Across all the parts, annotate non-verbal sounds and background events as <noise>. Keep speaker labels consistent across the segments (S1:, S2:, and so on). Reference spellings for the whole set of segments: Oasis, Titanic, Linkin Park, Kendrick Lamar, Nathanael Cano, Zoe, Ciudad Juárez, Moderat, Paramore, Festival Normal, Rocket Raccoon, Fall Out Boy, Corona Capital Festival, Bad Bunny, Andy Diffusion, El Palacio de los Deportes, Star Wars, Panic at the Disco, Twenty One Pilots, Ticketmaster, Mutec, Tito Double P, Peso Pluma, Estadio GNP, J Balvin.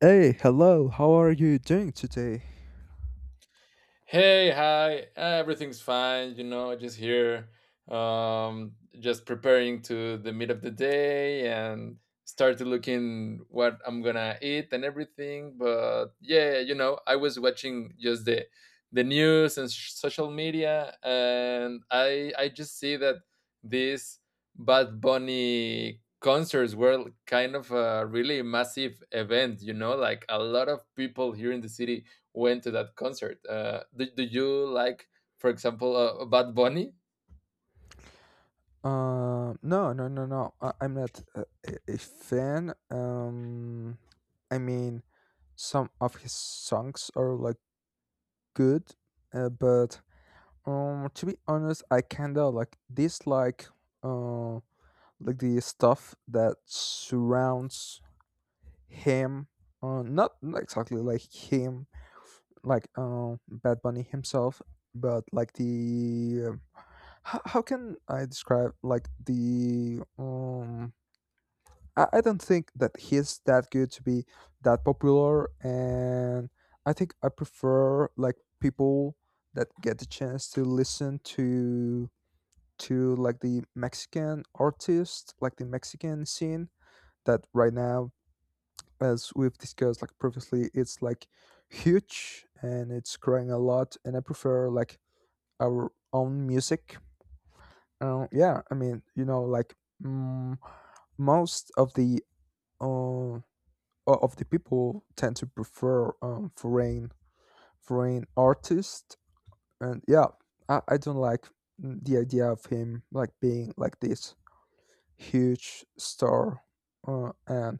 S1: Hey, hello. How are you doing today?
S2: Hey, hi, everything's fine, you know, just here, just preparing to the meat of the day and started looking what I'm gonna eat and everything. But yeah, you know, I was watching just the news and social media, and I just see that these Bad Bunny concerts were kind of a really massive event, you know, like a lot of people here in the city went to that concert. Do you like, for example, Bad Bunny?
S1: No, no, no, no. I'm not a fan. I mean, some of his songs are like good, but to be honest, I kinda like dislike uh like the stuff that surrounds him. Not exactly like him, like Bad Bunny himself, but like the how can I describe like the I don't think that he's that good to be that popular, and I think I prefer like people that get the chance to listen to like the Mexican artist, like the Mexican scene that right now, as we've discussed like previously, it's like huge and it's growing a lot, and I prefer like our own music. Yeah, I mean, you know, like mm, most of the um of the people tend to prefer foreign artists, and yeah, I don't like the idea of him like being like this huge star. And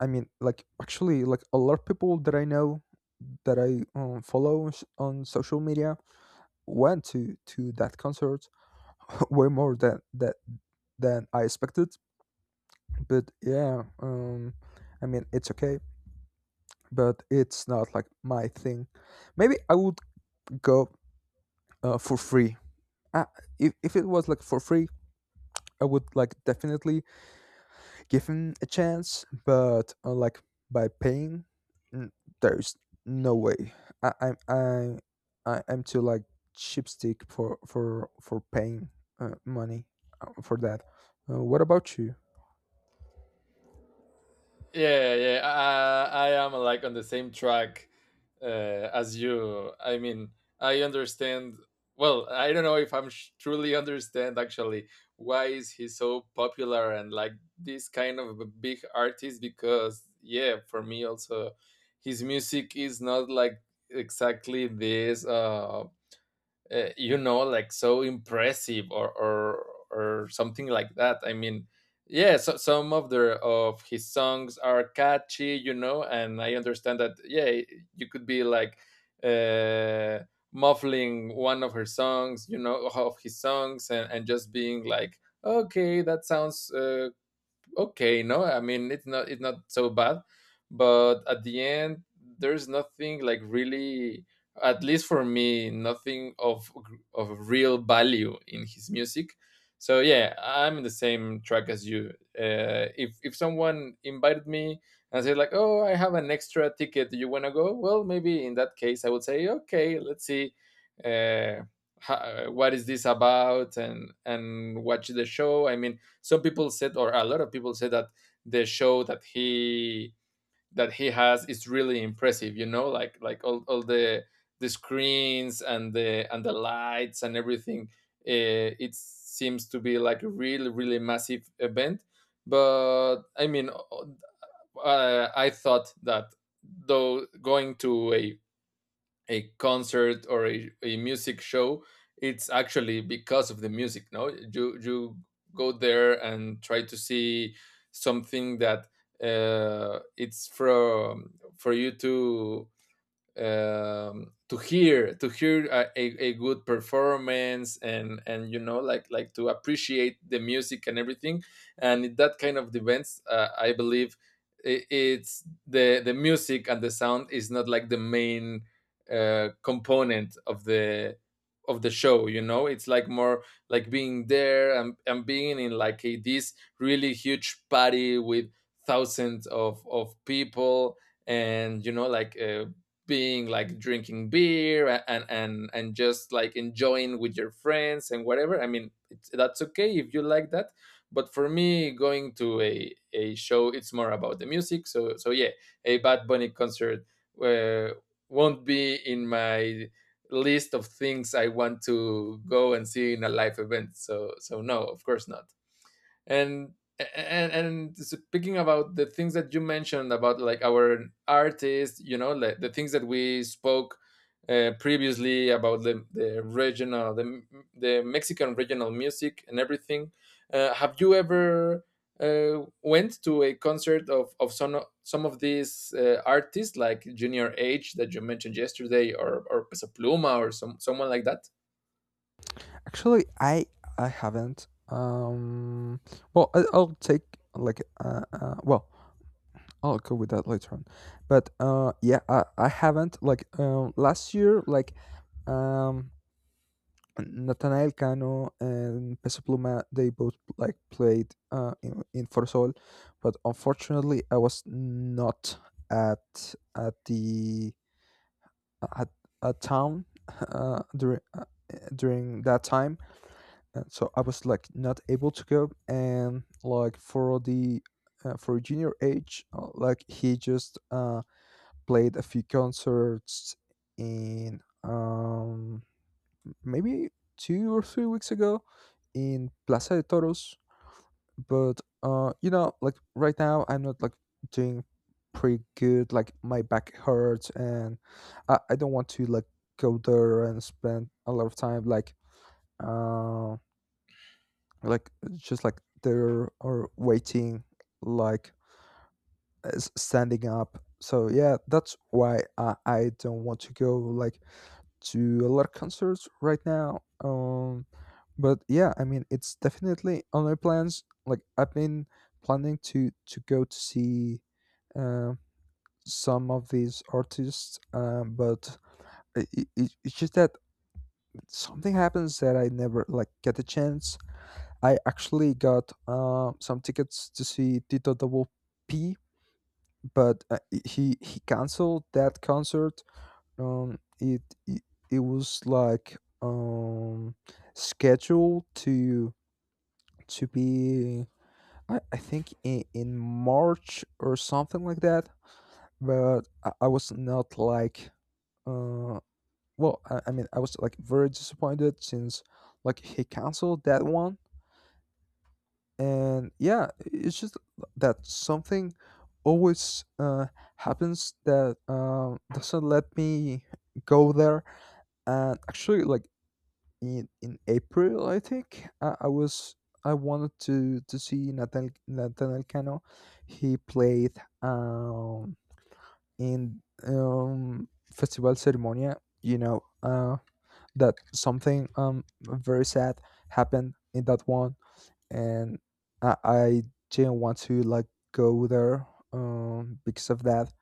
S1: I mean, like actually, like a lot of people that I know that I follow on social media went to that concert <laughs> way more than that, than I expected. But yeah, I mean it's okay, but it's not like my thing. Maybe I would go for free. uh, if it was like for free, I would like definitely give him a chance, but like by paying, n- there's no way. I i'm i, I i'm too like chipstick for paying money for that. What about you?
S2: Yeah, yeah. I am like on the same track as you. I mean, I understand. Well, I don't know if truly understand actually why is he so popular and like this kind of a big artist, because yeah, for me also, his music is not like exactly this. You know, like so impressive or something like that. I mean, yeah, so some of the of his songs are catchy, you know, and I understand that. Yeah, you could be like uh muffling one of her songs, you know, of his songs, and, just being like, okay, that sounds okay. No, I mean, it's not, it's not so bad, but at the end there's nothing like really, at least for me, nothing of real value in his music. So yeah, I'm in the same track as you. If if someone invited me and said like, oh, I have an extra ticket, do you want to go, well, maybe in that case I would say, okay, let's see uh, what is this about, and watch the show. I mean, some people said, or a lot of people said, that the show that he has is really impressive, you know, like all the screens and the lights and everything. It seems to be like a really, really massive event. But I mean, I thought that though going to a concert or a, music show, it's actually because of the music. No, you go there and try to see something that it's from for you to to hear a good performance, and you know, like to appreciate the music and everything. And in that kind of events, I believe it's the music and the sound is not like the main component of the show. You know, it's like more like being there, and, being in like a, this really huge party with thousands of people. And you know, like, being like drinking beer and just like enjoying with your friends and whatever. I mean, that's okay if you like that. But for me, going to a show, it's more about the music. So so yeah, a Bad Bunny concert uh, won't be in my list of things I want to go and see in a live event. So so no, of course not. And and speaking about the things that you mentioned about like our artists, you know, like the things that we spoke previously about the regional, the Mexican regional music and everything. Have you ever went to a concert of some some of these artists like Junior H that you mentioned yesterday, or Peso Pluma, or some someone like that?
S1: Actually, I haven't. Well, I'll take like well, I'll go with that later on. But yeah, I haven't like last year like um Nathanael Cano and Peso Pluma, they both like played in Forsol, but unfortunately I was not at at the at a town <laughs> uh, during uh, during that time, so I was like not able to go, and like for the for junior age, like he just played a few concerts in, maybe 2 or 3 weeks ago, in Plaza de Toros. But like right now, I'm not like doing pretty good. Like my back hurts, and I don't want to like go there and spend a lot of time uh like just like they're are waiting like standing up. So yeah, that's why I don't want to go like to a lot of concerts right now. But yeah, I mean it's definitely on my plans, like I've been planning to go to see uh, some of these artists, but it's just that something happens that I never like get the chance. I actually got some tickets to see Tito Double P, but he canceled that concert. Um, it it, it was like, um, scheduled to be, I think, in March or something like that. But I was not like, uh, well, I mean I was like very disappointed since like he canceled that one, and yeah it's just that something always happens that doesn't let me go there. And actually like in April I think, I wanted to see Nathaniel Cano. He played um in Festival Ceremonia. That something very sad happened in that one, and I didn't want to like go there because of that.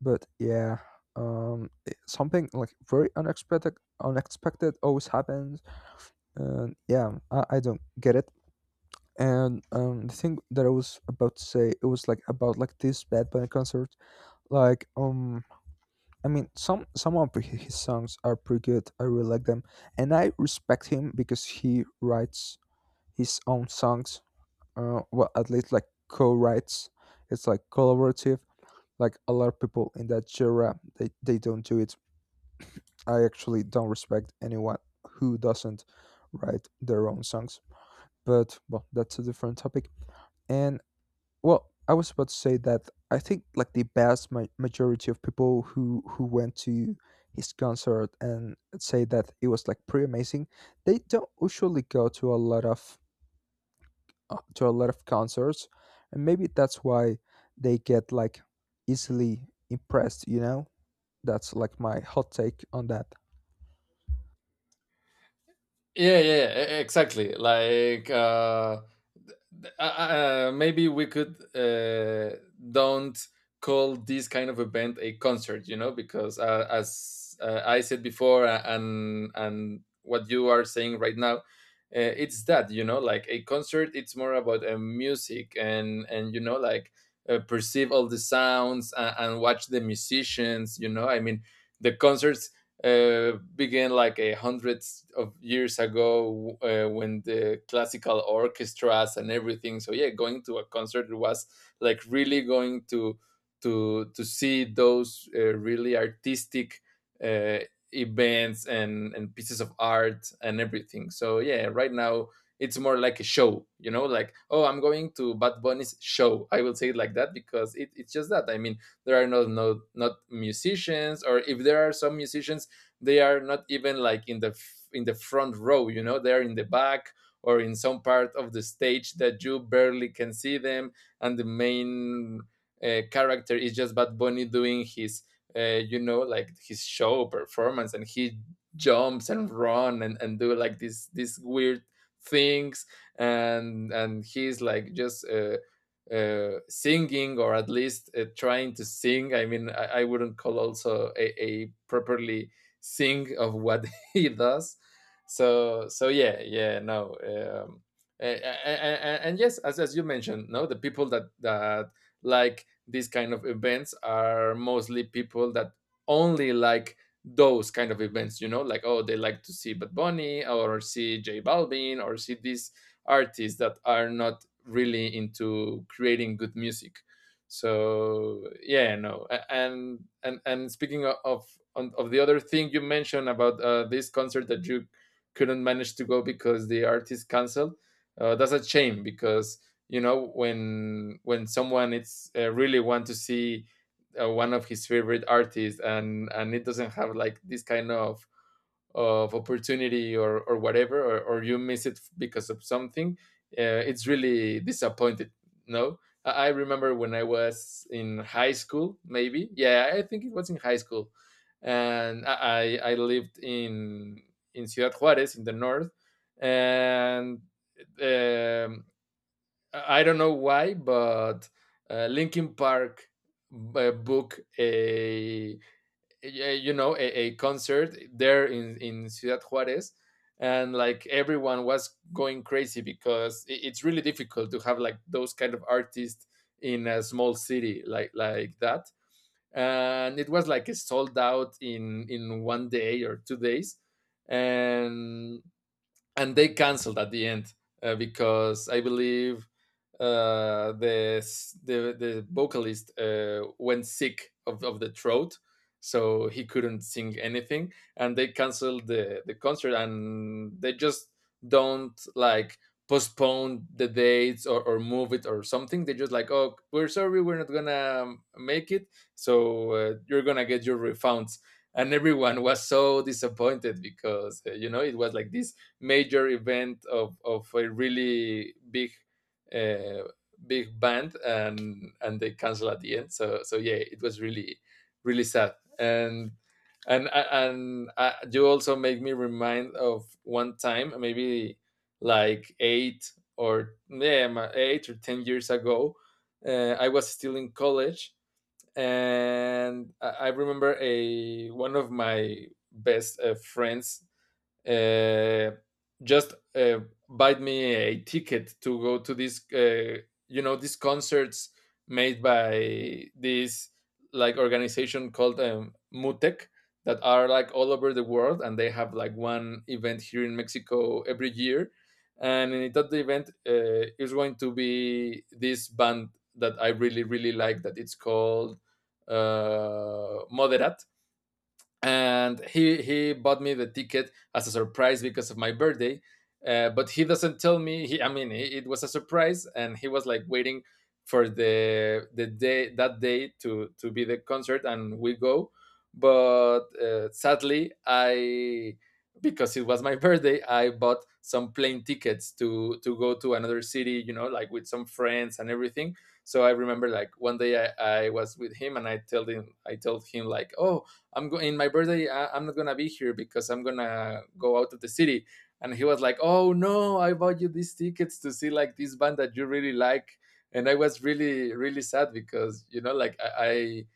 S1: But yeah, something like very unexpected always happens, and yeah, I don't get it. And the thing that I was about to say, it was like about like this Bad Bunny concert. Like I mean, some of his songs are pretty good, I really like them, and I respect him because he writes his own songs. Well, at least like co-writes, it's like collaborative. Like a lot of people in that genre, they don't do it. I actually don't respect anyone who doesn't write their own songs, but well, that's a different topic. And well, I was about to say that I think like the vast majority of people who went to his concert and say that it was like pretty amazing, they don't usually go to a lot of concerts, and maybe that's why they get like easily impressed, you know. That's like my hot take on that.
S2: Yeah, yeah, yeah, exactly, like th- uh uh, maybe we could don't call this kind of event a concert, you know, because as I said before, and what you are saying right now, it's that, you know, like a concert, it's more about music and you know, like perceive all the sounds and, watch the musicians. You know, I mean, the concerts began like a hundreds of years ago, when the classical orchestras and everything. So yeah, going to a concert was like really going to to see those really artistic uh, events and pieces of art and everything. So yeah, right now it's more like a show, you know, like, oh, I'm going to Bad Bunny's show. I will say it like that, because it's just that. I mean, there are not musicians, or if there are some musicians, they are not even like in the in the front row, you know, they're in the back or in some part of the stage that you barely can see them. And the main character is just Bad Bunny doing his you know, like his show performance, and he jumps and run, and, do like these weird things. And he's like just singing, or at least trying to sing. I mean, I wouldn't call also a properly think of what <laughs> he does. So so yeah, yeah, no. And yes, as you mentioned, no, the people that like these kind of events are mostly people that only like those kind of events. You know, like, oh, they like to see Bad Bunny, or see J Balvin, or see these artists that are not really into creating good music. So yeah, no. And and speaking of of the other thing you mentioned about this concert that you couldn't manage to go because the artist canceled, that's a shame, because you know, when someone it's really want to see one of his favorite artists, and it doesn't have like this kind of opportunity, or whatever, or you miss it because of something, it's really disappointed, no. I remember when I was in high school, maybe, yeah, I think it was in high school. And I lived in Ciudad juarez in the north. And um, I don't know why, but Linkin Park book a you know, a concert there in Ciudad Juárez. And like everyone was going crazy because it's really difficult to have like those kind of artists in a small city like that. And it was like a sold out in 1 day or 2 days. And they canceled at the end, because I believe uh, the, the vocalist went sick of the throat, so he couldn't sing anything, and they canceled the concert, and they just don't like postpone the dates, or move it or something. They just like, oh, we're sorry, we're not gonna make it, so you're gonna get your refunds. And everyone was so disappointed because you know, it was like this major event of a really big uh, big band, and they cancel at the end. So so yeah, it was really really sad. And and you also make me remind of one time, maybe like eight, or, yeah, 8 or 10 years ago. I was still in college, and I remember a one of my best friends uh, just buy me a ticket to go to this, you know, these concerts made by this like organization called Mutec, that are like all over the world, and they have like one event here in Mexico every year. And in that event, is going to be this band that I really really like, that it's called Moderat. And he bought me the ticket as a surprise because of my birthday, but he doesn't tell me. He I mean, it was a surprise, and he was like waiting for the day, that day, to be the concert and we go. But sadly, I because it was my birthday, I bought some plane tickets to go to another city, you know, like with some friends and everything. So I remember like one day I was with him, and I told him like, oh, I'm going in my birthday. I'm not gonna be here because I'm gonna go out of the city. And he was like, oh no, I bought you these tickets to see like this band that you really like. And I was really really sad, because you know, like I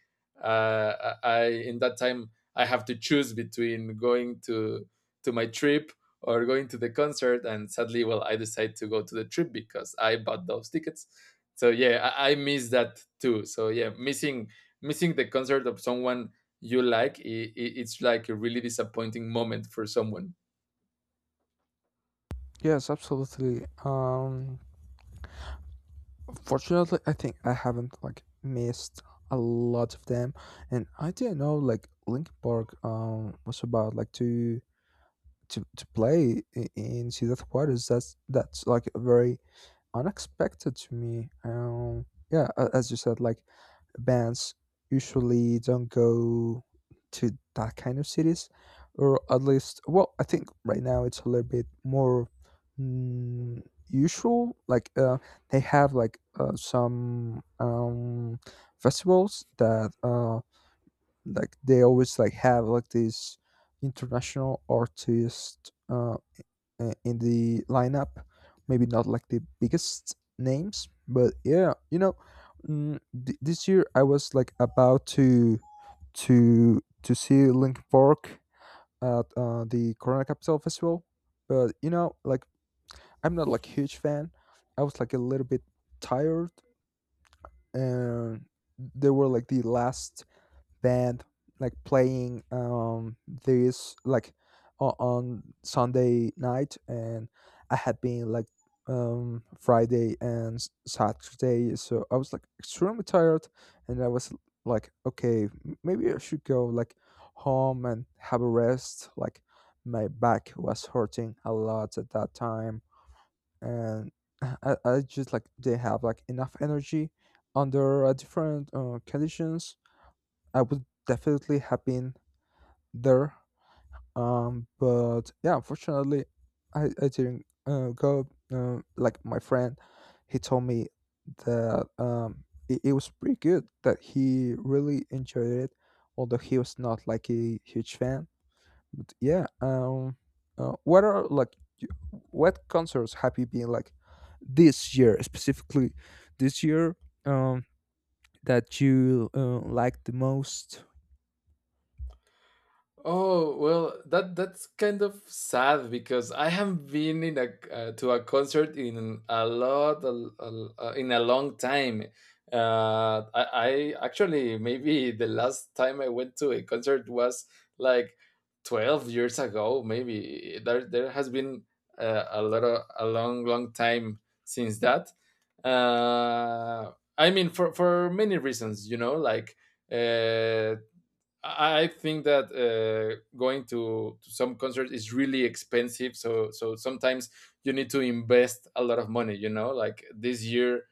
S2: I, uh, I I- in that time I have to choose between going to my trip or going to the concert. And sadly, well, I decided to go to the trip because I bought those tickets. So yeah, I miss that too. So yeah, missing the concert of someone you like, it? It's like a really disappointing moment for someone.
S1: Yes, absolutely. Fortunately I think I haven't like missed a lot of them, and I didn't know like Linkin Park was about like to play in Ciudad juarez That's like a very unexpected to me. Yeah, as you said, like bands usually don't go to that kind of cities, or at least, well, I think right now it's a little bit more mm, usual. Like they have like some festivals that like they always like have like these international artists. In the lineup. Maybe not like the biggest names, but yeah, this year I was like about to see Linkin Park at the Corona Capital Festival, but like I'm not like huge fan. I was like a little bit tired, and they were like the last band like playing this like on Sunday night, and I had been like Friday and Saturday, so I was like extremely tired, and I was like, okay, maybe I should go like home and have a rest. Like my back was hurting a lot at that time, and I just like didn't have like enough energy. Under different conditions I would definitely have been there. But yeah, unfortunately, I didn't go. Like my friend, he told me that it was pretty good, that he really enjoyed it, although he was not like a huge fan. But yeah, uh, what are like y- what concerts have you been like this year specifically? This year, um, that you like the most?
S2: Oh, well, that's kind of sad because I haven't been in a to a concert in a lot a- in a long time. I actually maybe the last time I went to a concert was like 12 years ago, maybe. There has been a lot of a long time since that. Uh, I mean for many reasons, you know, like uh I think that going to some concert is really expensive. So sometimes you need to invest a lot of money. You know, like this year,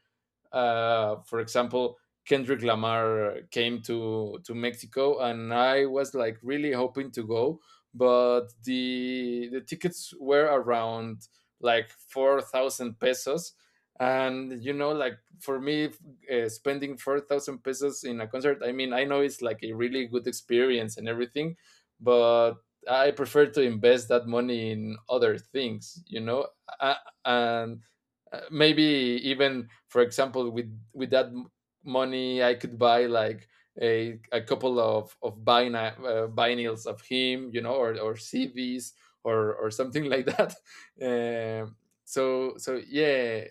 S2: for example, Kendrick Lamar came to Mexico, and I was like really hoping to go, but the tickets were around like 4,000 pesos, and you know, like for me, spending 4,000 pesos in a concert. I mean, I know it's like a really good experience and everything, but I prefer to invest that money in other things, you know, uh, and maybe even for example with money I could buy like a couple of vinyls of him, you know, or CDs or something like that. <laughs> um so yeah,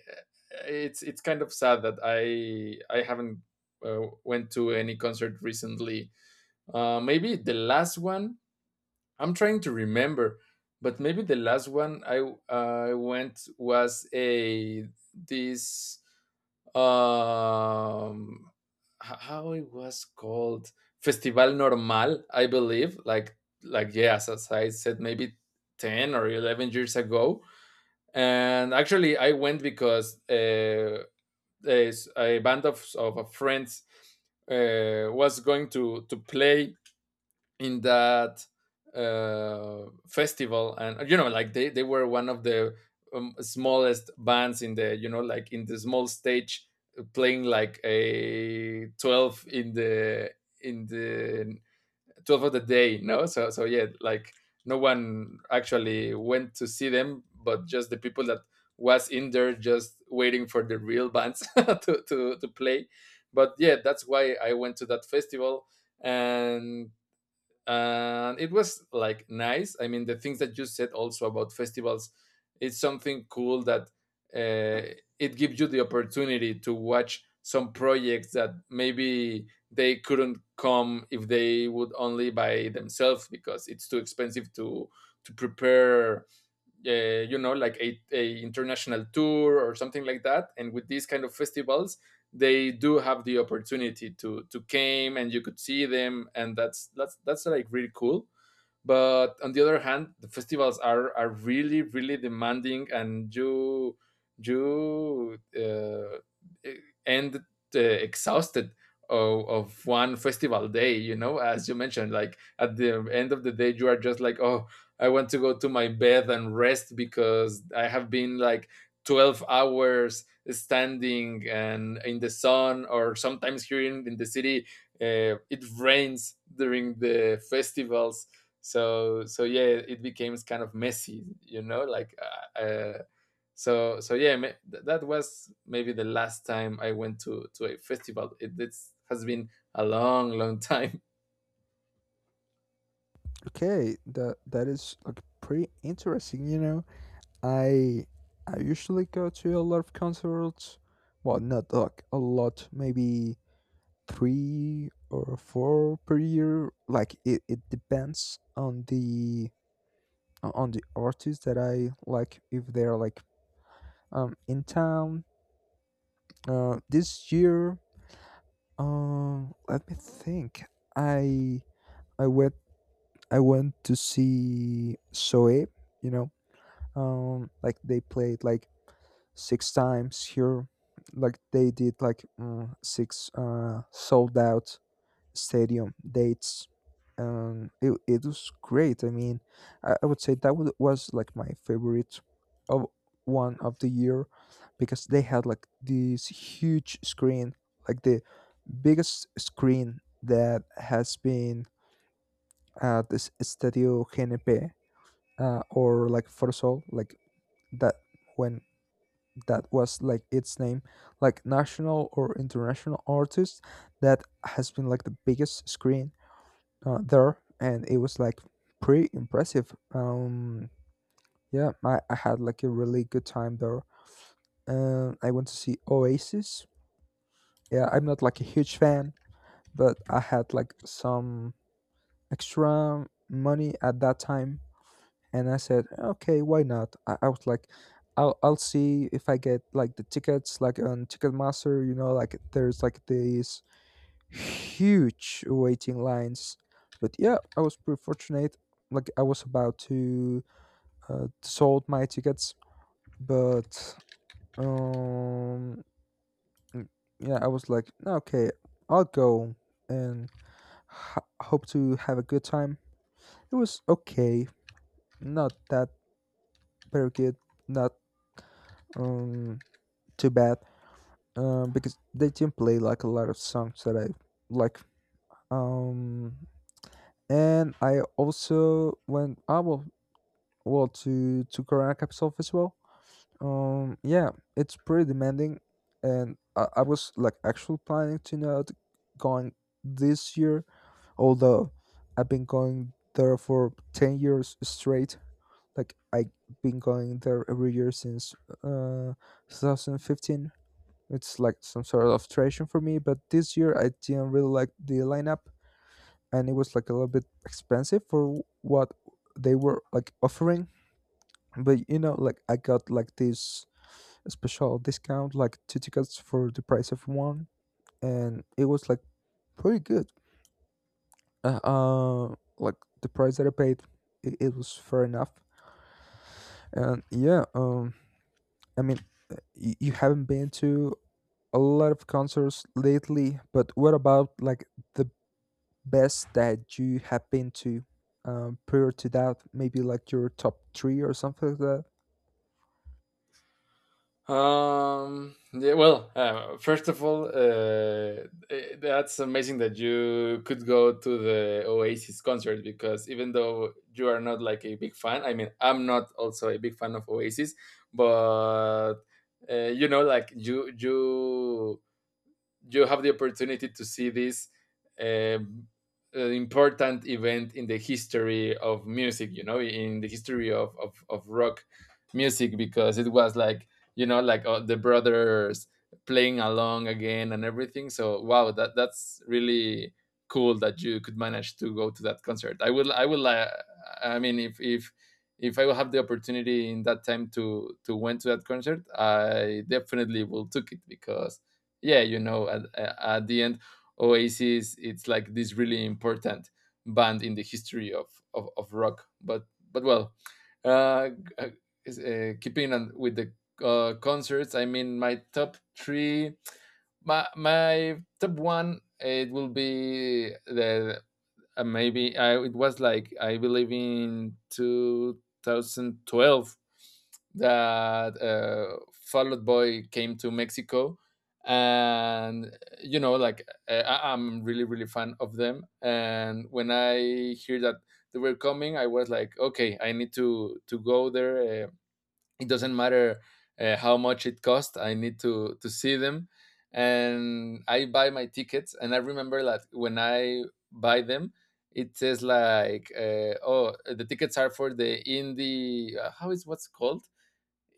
S2: it's kind of sad that I haven't, went to any concert recently. Uh, maybe the last one, I'm trying to remember, but maybe the last one I went was a this, um how it was called, Festival Normal, I believe. Like yes, as I said, maybe 10 or 11 years ago. And actually, I went because there's a band of friends was going to play in that festival, and you know, like they were one of the smallest bands in the, you know, like in the small stage, playing like a 12 in the in the 12 of the day, no. So yeah, like no one actually went to see them, but just the people that was in there just waiting for the real bands <laughs> to play. But yeah, that's why I went to that festival. and and it was like nice. I mean, the things that you said also about festivals, it's something cool that uh, it gives you the opportunity to watch some projects that maybe they couldn't come if they would only by themselves because it's too expensive to prepare you know, like a international tour or something like that. And with these kind of festivals, they do have the opportunity to came, and you could see them, and that's like really cool. But on the other hand, the festivals are really really demanding, and you end exhausted of one festival day, you know, as you mentioned, like at the end of the day you are just like, oh, I want to go to my bed and rest because I have been like 12 hours standing and in the sun, or sometimes here in the city, it rains during the festivals. So yeah, it became kind of messy, you know, like. uh, uh, so yeah, that was maybe the last time I went to a festival. It has been a long time. <laughs>
S1: Okay, that is like pretty interesting, you know. I I usually go to a lot of concerts. Well, not like a lot, maybe three or four per year. Like it depends on the artists that I like, if they're like in town. This year, let me think. I I went I went to see Zoe. You know, like they played like 6 times here, like they did like six sold out stadium dates. It was great, I mean, I would say that was like my favorite of one of the year, because they had like this huge screen, like the biggest screen that has been at this Estadio GNP, or like Forzol, like that, when that was like its name, like national or international artist, that has been like the biggest screen there, and it was like pretty impressive. Yeah, I had like a really good time there. I went to see Oasis. Yeah, I'm not like a huge fan, but I had like some extra money at that time, and I said, okay, why not? I was like, I'll see if I get like the tickets, like on Ticketmaster. You know, like there's like these huge waiting lines. But yeah, I was pretty fortunate. Like I was about to sold my tickets, but um, mm, yeah, I was like, okay, I'll go and hope to have a good time. It was okay, not that very good, not um too bad, because they didn't play like a lot of songs that I like. Um, and I also went, I will, well, to Corona Capital Festival. Yeah, it's pretty demanding, and I was like actually planning to not going this year, although I've been going there for 10 years straight. Like I've been going there every year since uh 2015. It's like some sort of tradition for me, but this year I didn't really like the lineup, and it was like a little bit expensive for what they were like offering. But like I got like this special discount, like two tickets for the price of one, and it was like pretty good. Like the price that I paid, it was fair enough. And yeah, I mean, you haven't been to a lot of concerts lately, but what about like the best that you have been to prior to that? Maybe like your top three or something like that.
S2: Yeah, well, first of all that's amazing that you could go to the Oasis concert, because even though you are not like a big fan, I mean, I'm not also a big fan of Oasis, but you know, like you have the opportunity to see this um, important event in the history of music, you know, in the history of rock music, because it was like, you know, like the brothers playing along again and everything. So wow, that's really cool that you could manage to go to that concert. I mean, if I will have the opportunity in that time to went to that concert, I definitely will took it, because yeah, you know, at the end, Oasis it's like this really important band in the history of of rock, but well, uh, uh, keeping on with the concerts, I mean my top three, my top one it will be the, maybe it was like I believe in 2012 that Fall Out Boy came to Mexico, and you know, like I'm really really fan of them. And when I hear that they were coming, I was like, okay, I need to go there. It doesn't matter how much it costs, I need to see them. And I buy my tickets, and I remember that when I buy them, it says like, oh, the tickets are for the indie, how is, what's called,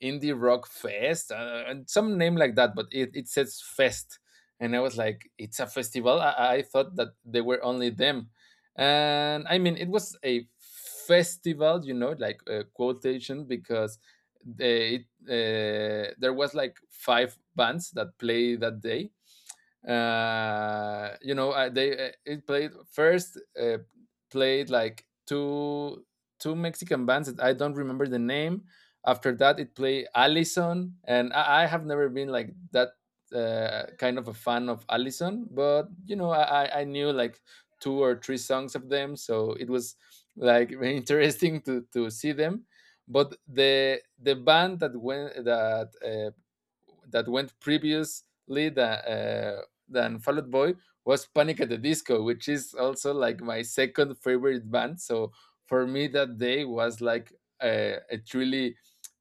S2: indie rock fest, and some name like that, but it says fest, and I was like, it's a festival. I thought that they were only them, and I mean it was a festival, you know, like, quotation, because they there was like five bands that play that day. You know they It played first, played like two Mexican bands that I don't remember the name. After that, it played Allison, and I have never been like that kind of a fan of Allison, but you know, I knew like two or three songs of them, so it was like <laughs> very interesting to see them. But the band that went that went previously than Fall Out Boy was Panic at the Disco, which is also like my second favorite band. So for me, that day was like a truly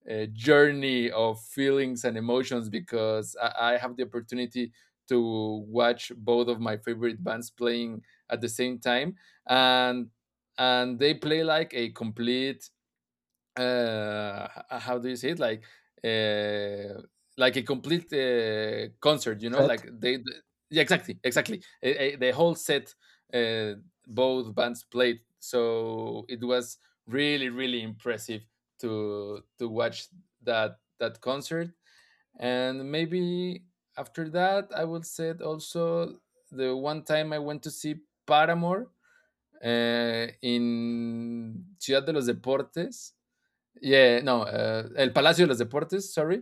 S2: a journey of feelings and emotions, because I have the opportunity to watch both of my favorite bands playing at the same time. and and they play like a complete, how do you say it, uh like a complete concert, you know,
S1: Set.
S2: like yeah, exactly, exactly. The whole set, uh, both bands played, so it was really really impressive to watch that that concert. And maybe after that, I will say it also the one time I went to see Paramore in Ciudad de los Deportes. Yeah, no, El Palacio de los Deportes, sorry,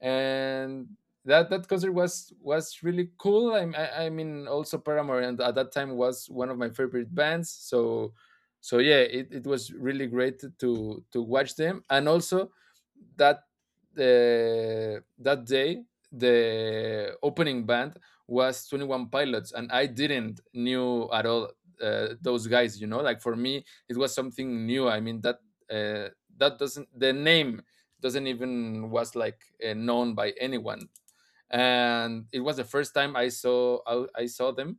S2: and that that concert was really cool. I mean, also Paramore, and at that time was one of my favorite bands. So so yeah, it was really great to watch them. And also that that day, the opening band was 21 Pilots, and I didn't knew at all those guys, you know, like for me it was something new. I mean that uh, that doesn't, the name doesn't even was like known by anyone. And it was the first time I saw, I saw them,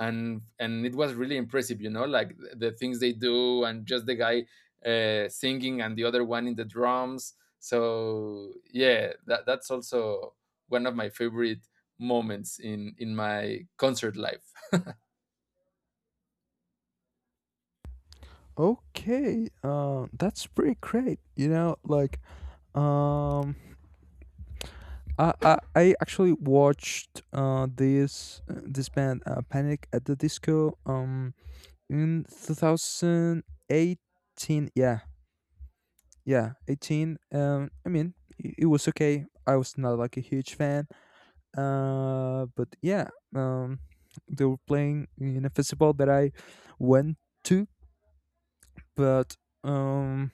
S2: and it was really impressive, you know, like the things they do, and just the guy singing and the other one in the drums. So yeah, that's also one of my favorite moments in my concert life.
S1: Okay, that's pretty great. You know, like um, I actually watched this band, Panic at the Disco, in 2018. Yeah, yeah, 18. I mean, it was okay. I was not like a huge fan. But yeah, um, they were playing in a festival that I went to, but um,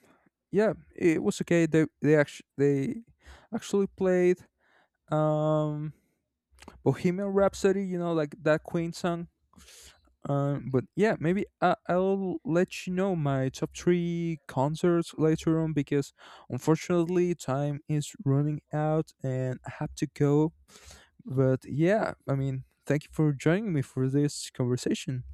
S1: yeah, it was okay. They actually played um Bohemian Rhapsody. You know, like that Queen song. But yeah, maybe I'll let you know my top three concerts later on, because unfortunately time is running out and I have to go. But yeah, I mean, thank you for joining me for this conversation.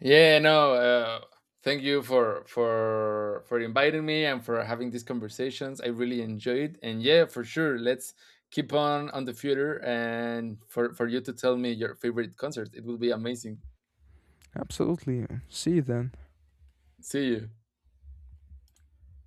S2: Yeah, no. Thank you for for inviting me and for having these conversations. I really enjoyed, and yeah, for sure. Let's keep on the future, and for you to tell me your favorite concert. It will be amazing.
S1: Absolutely. See you then.
S2: See you.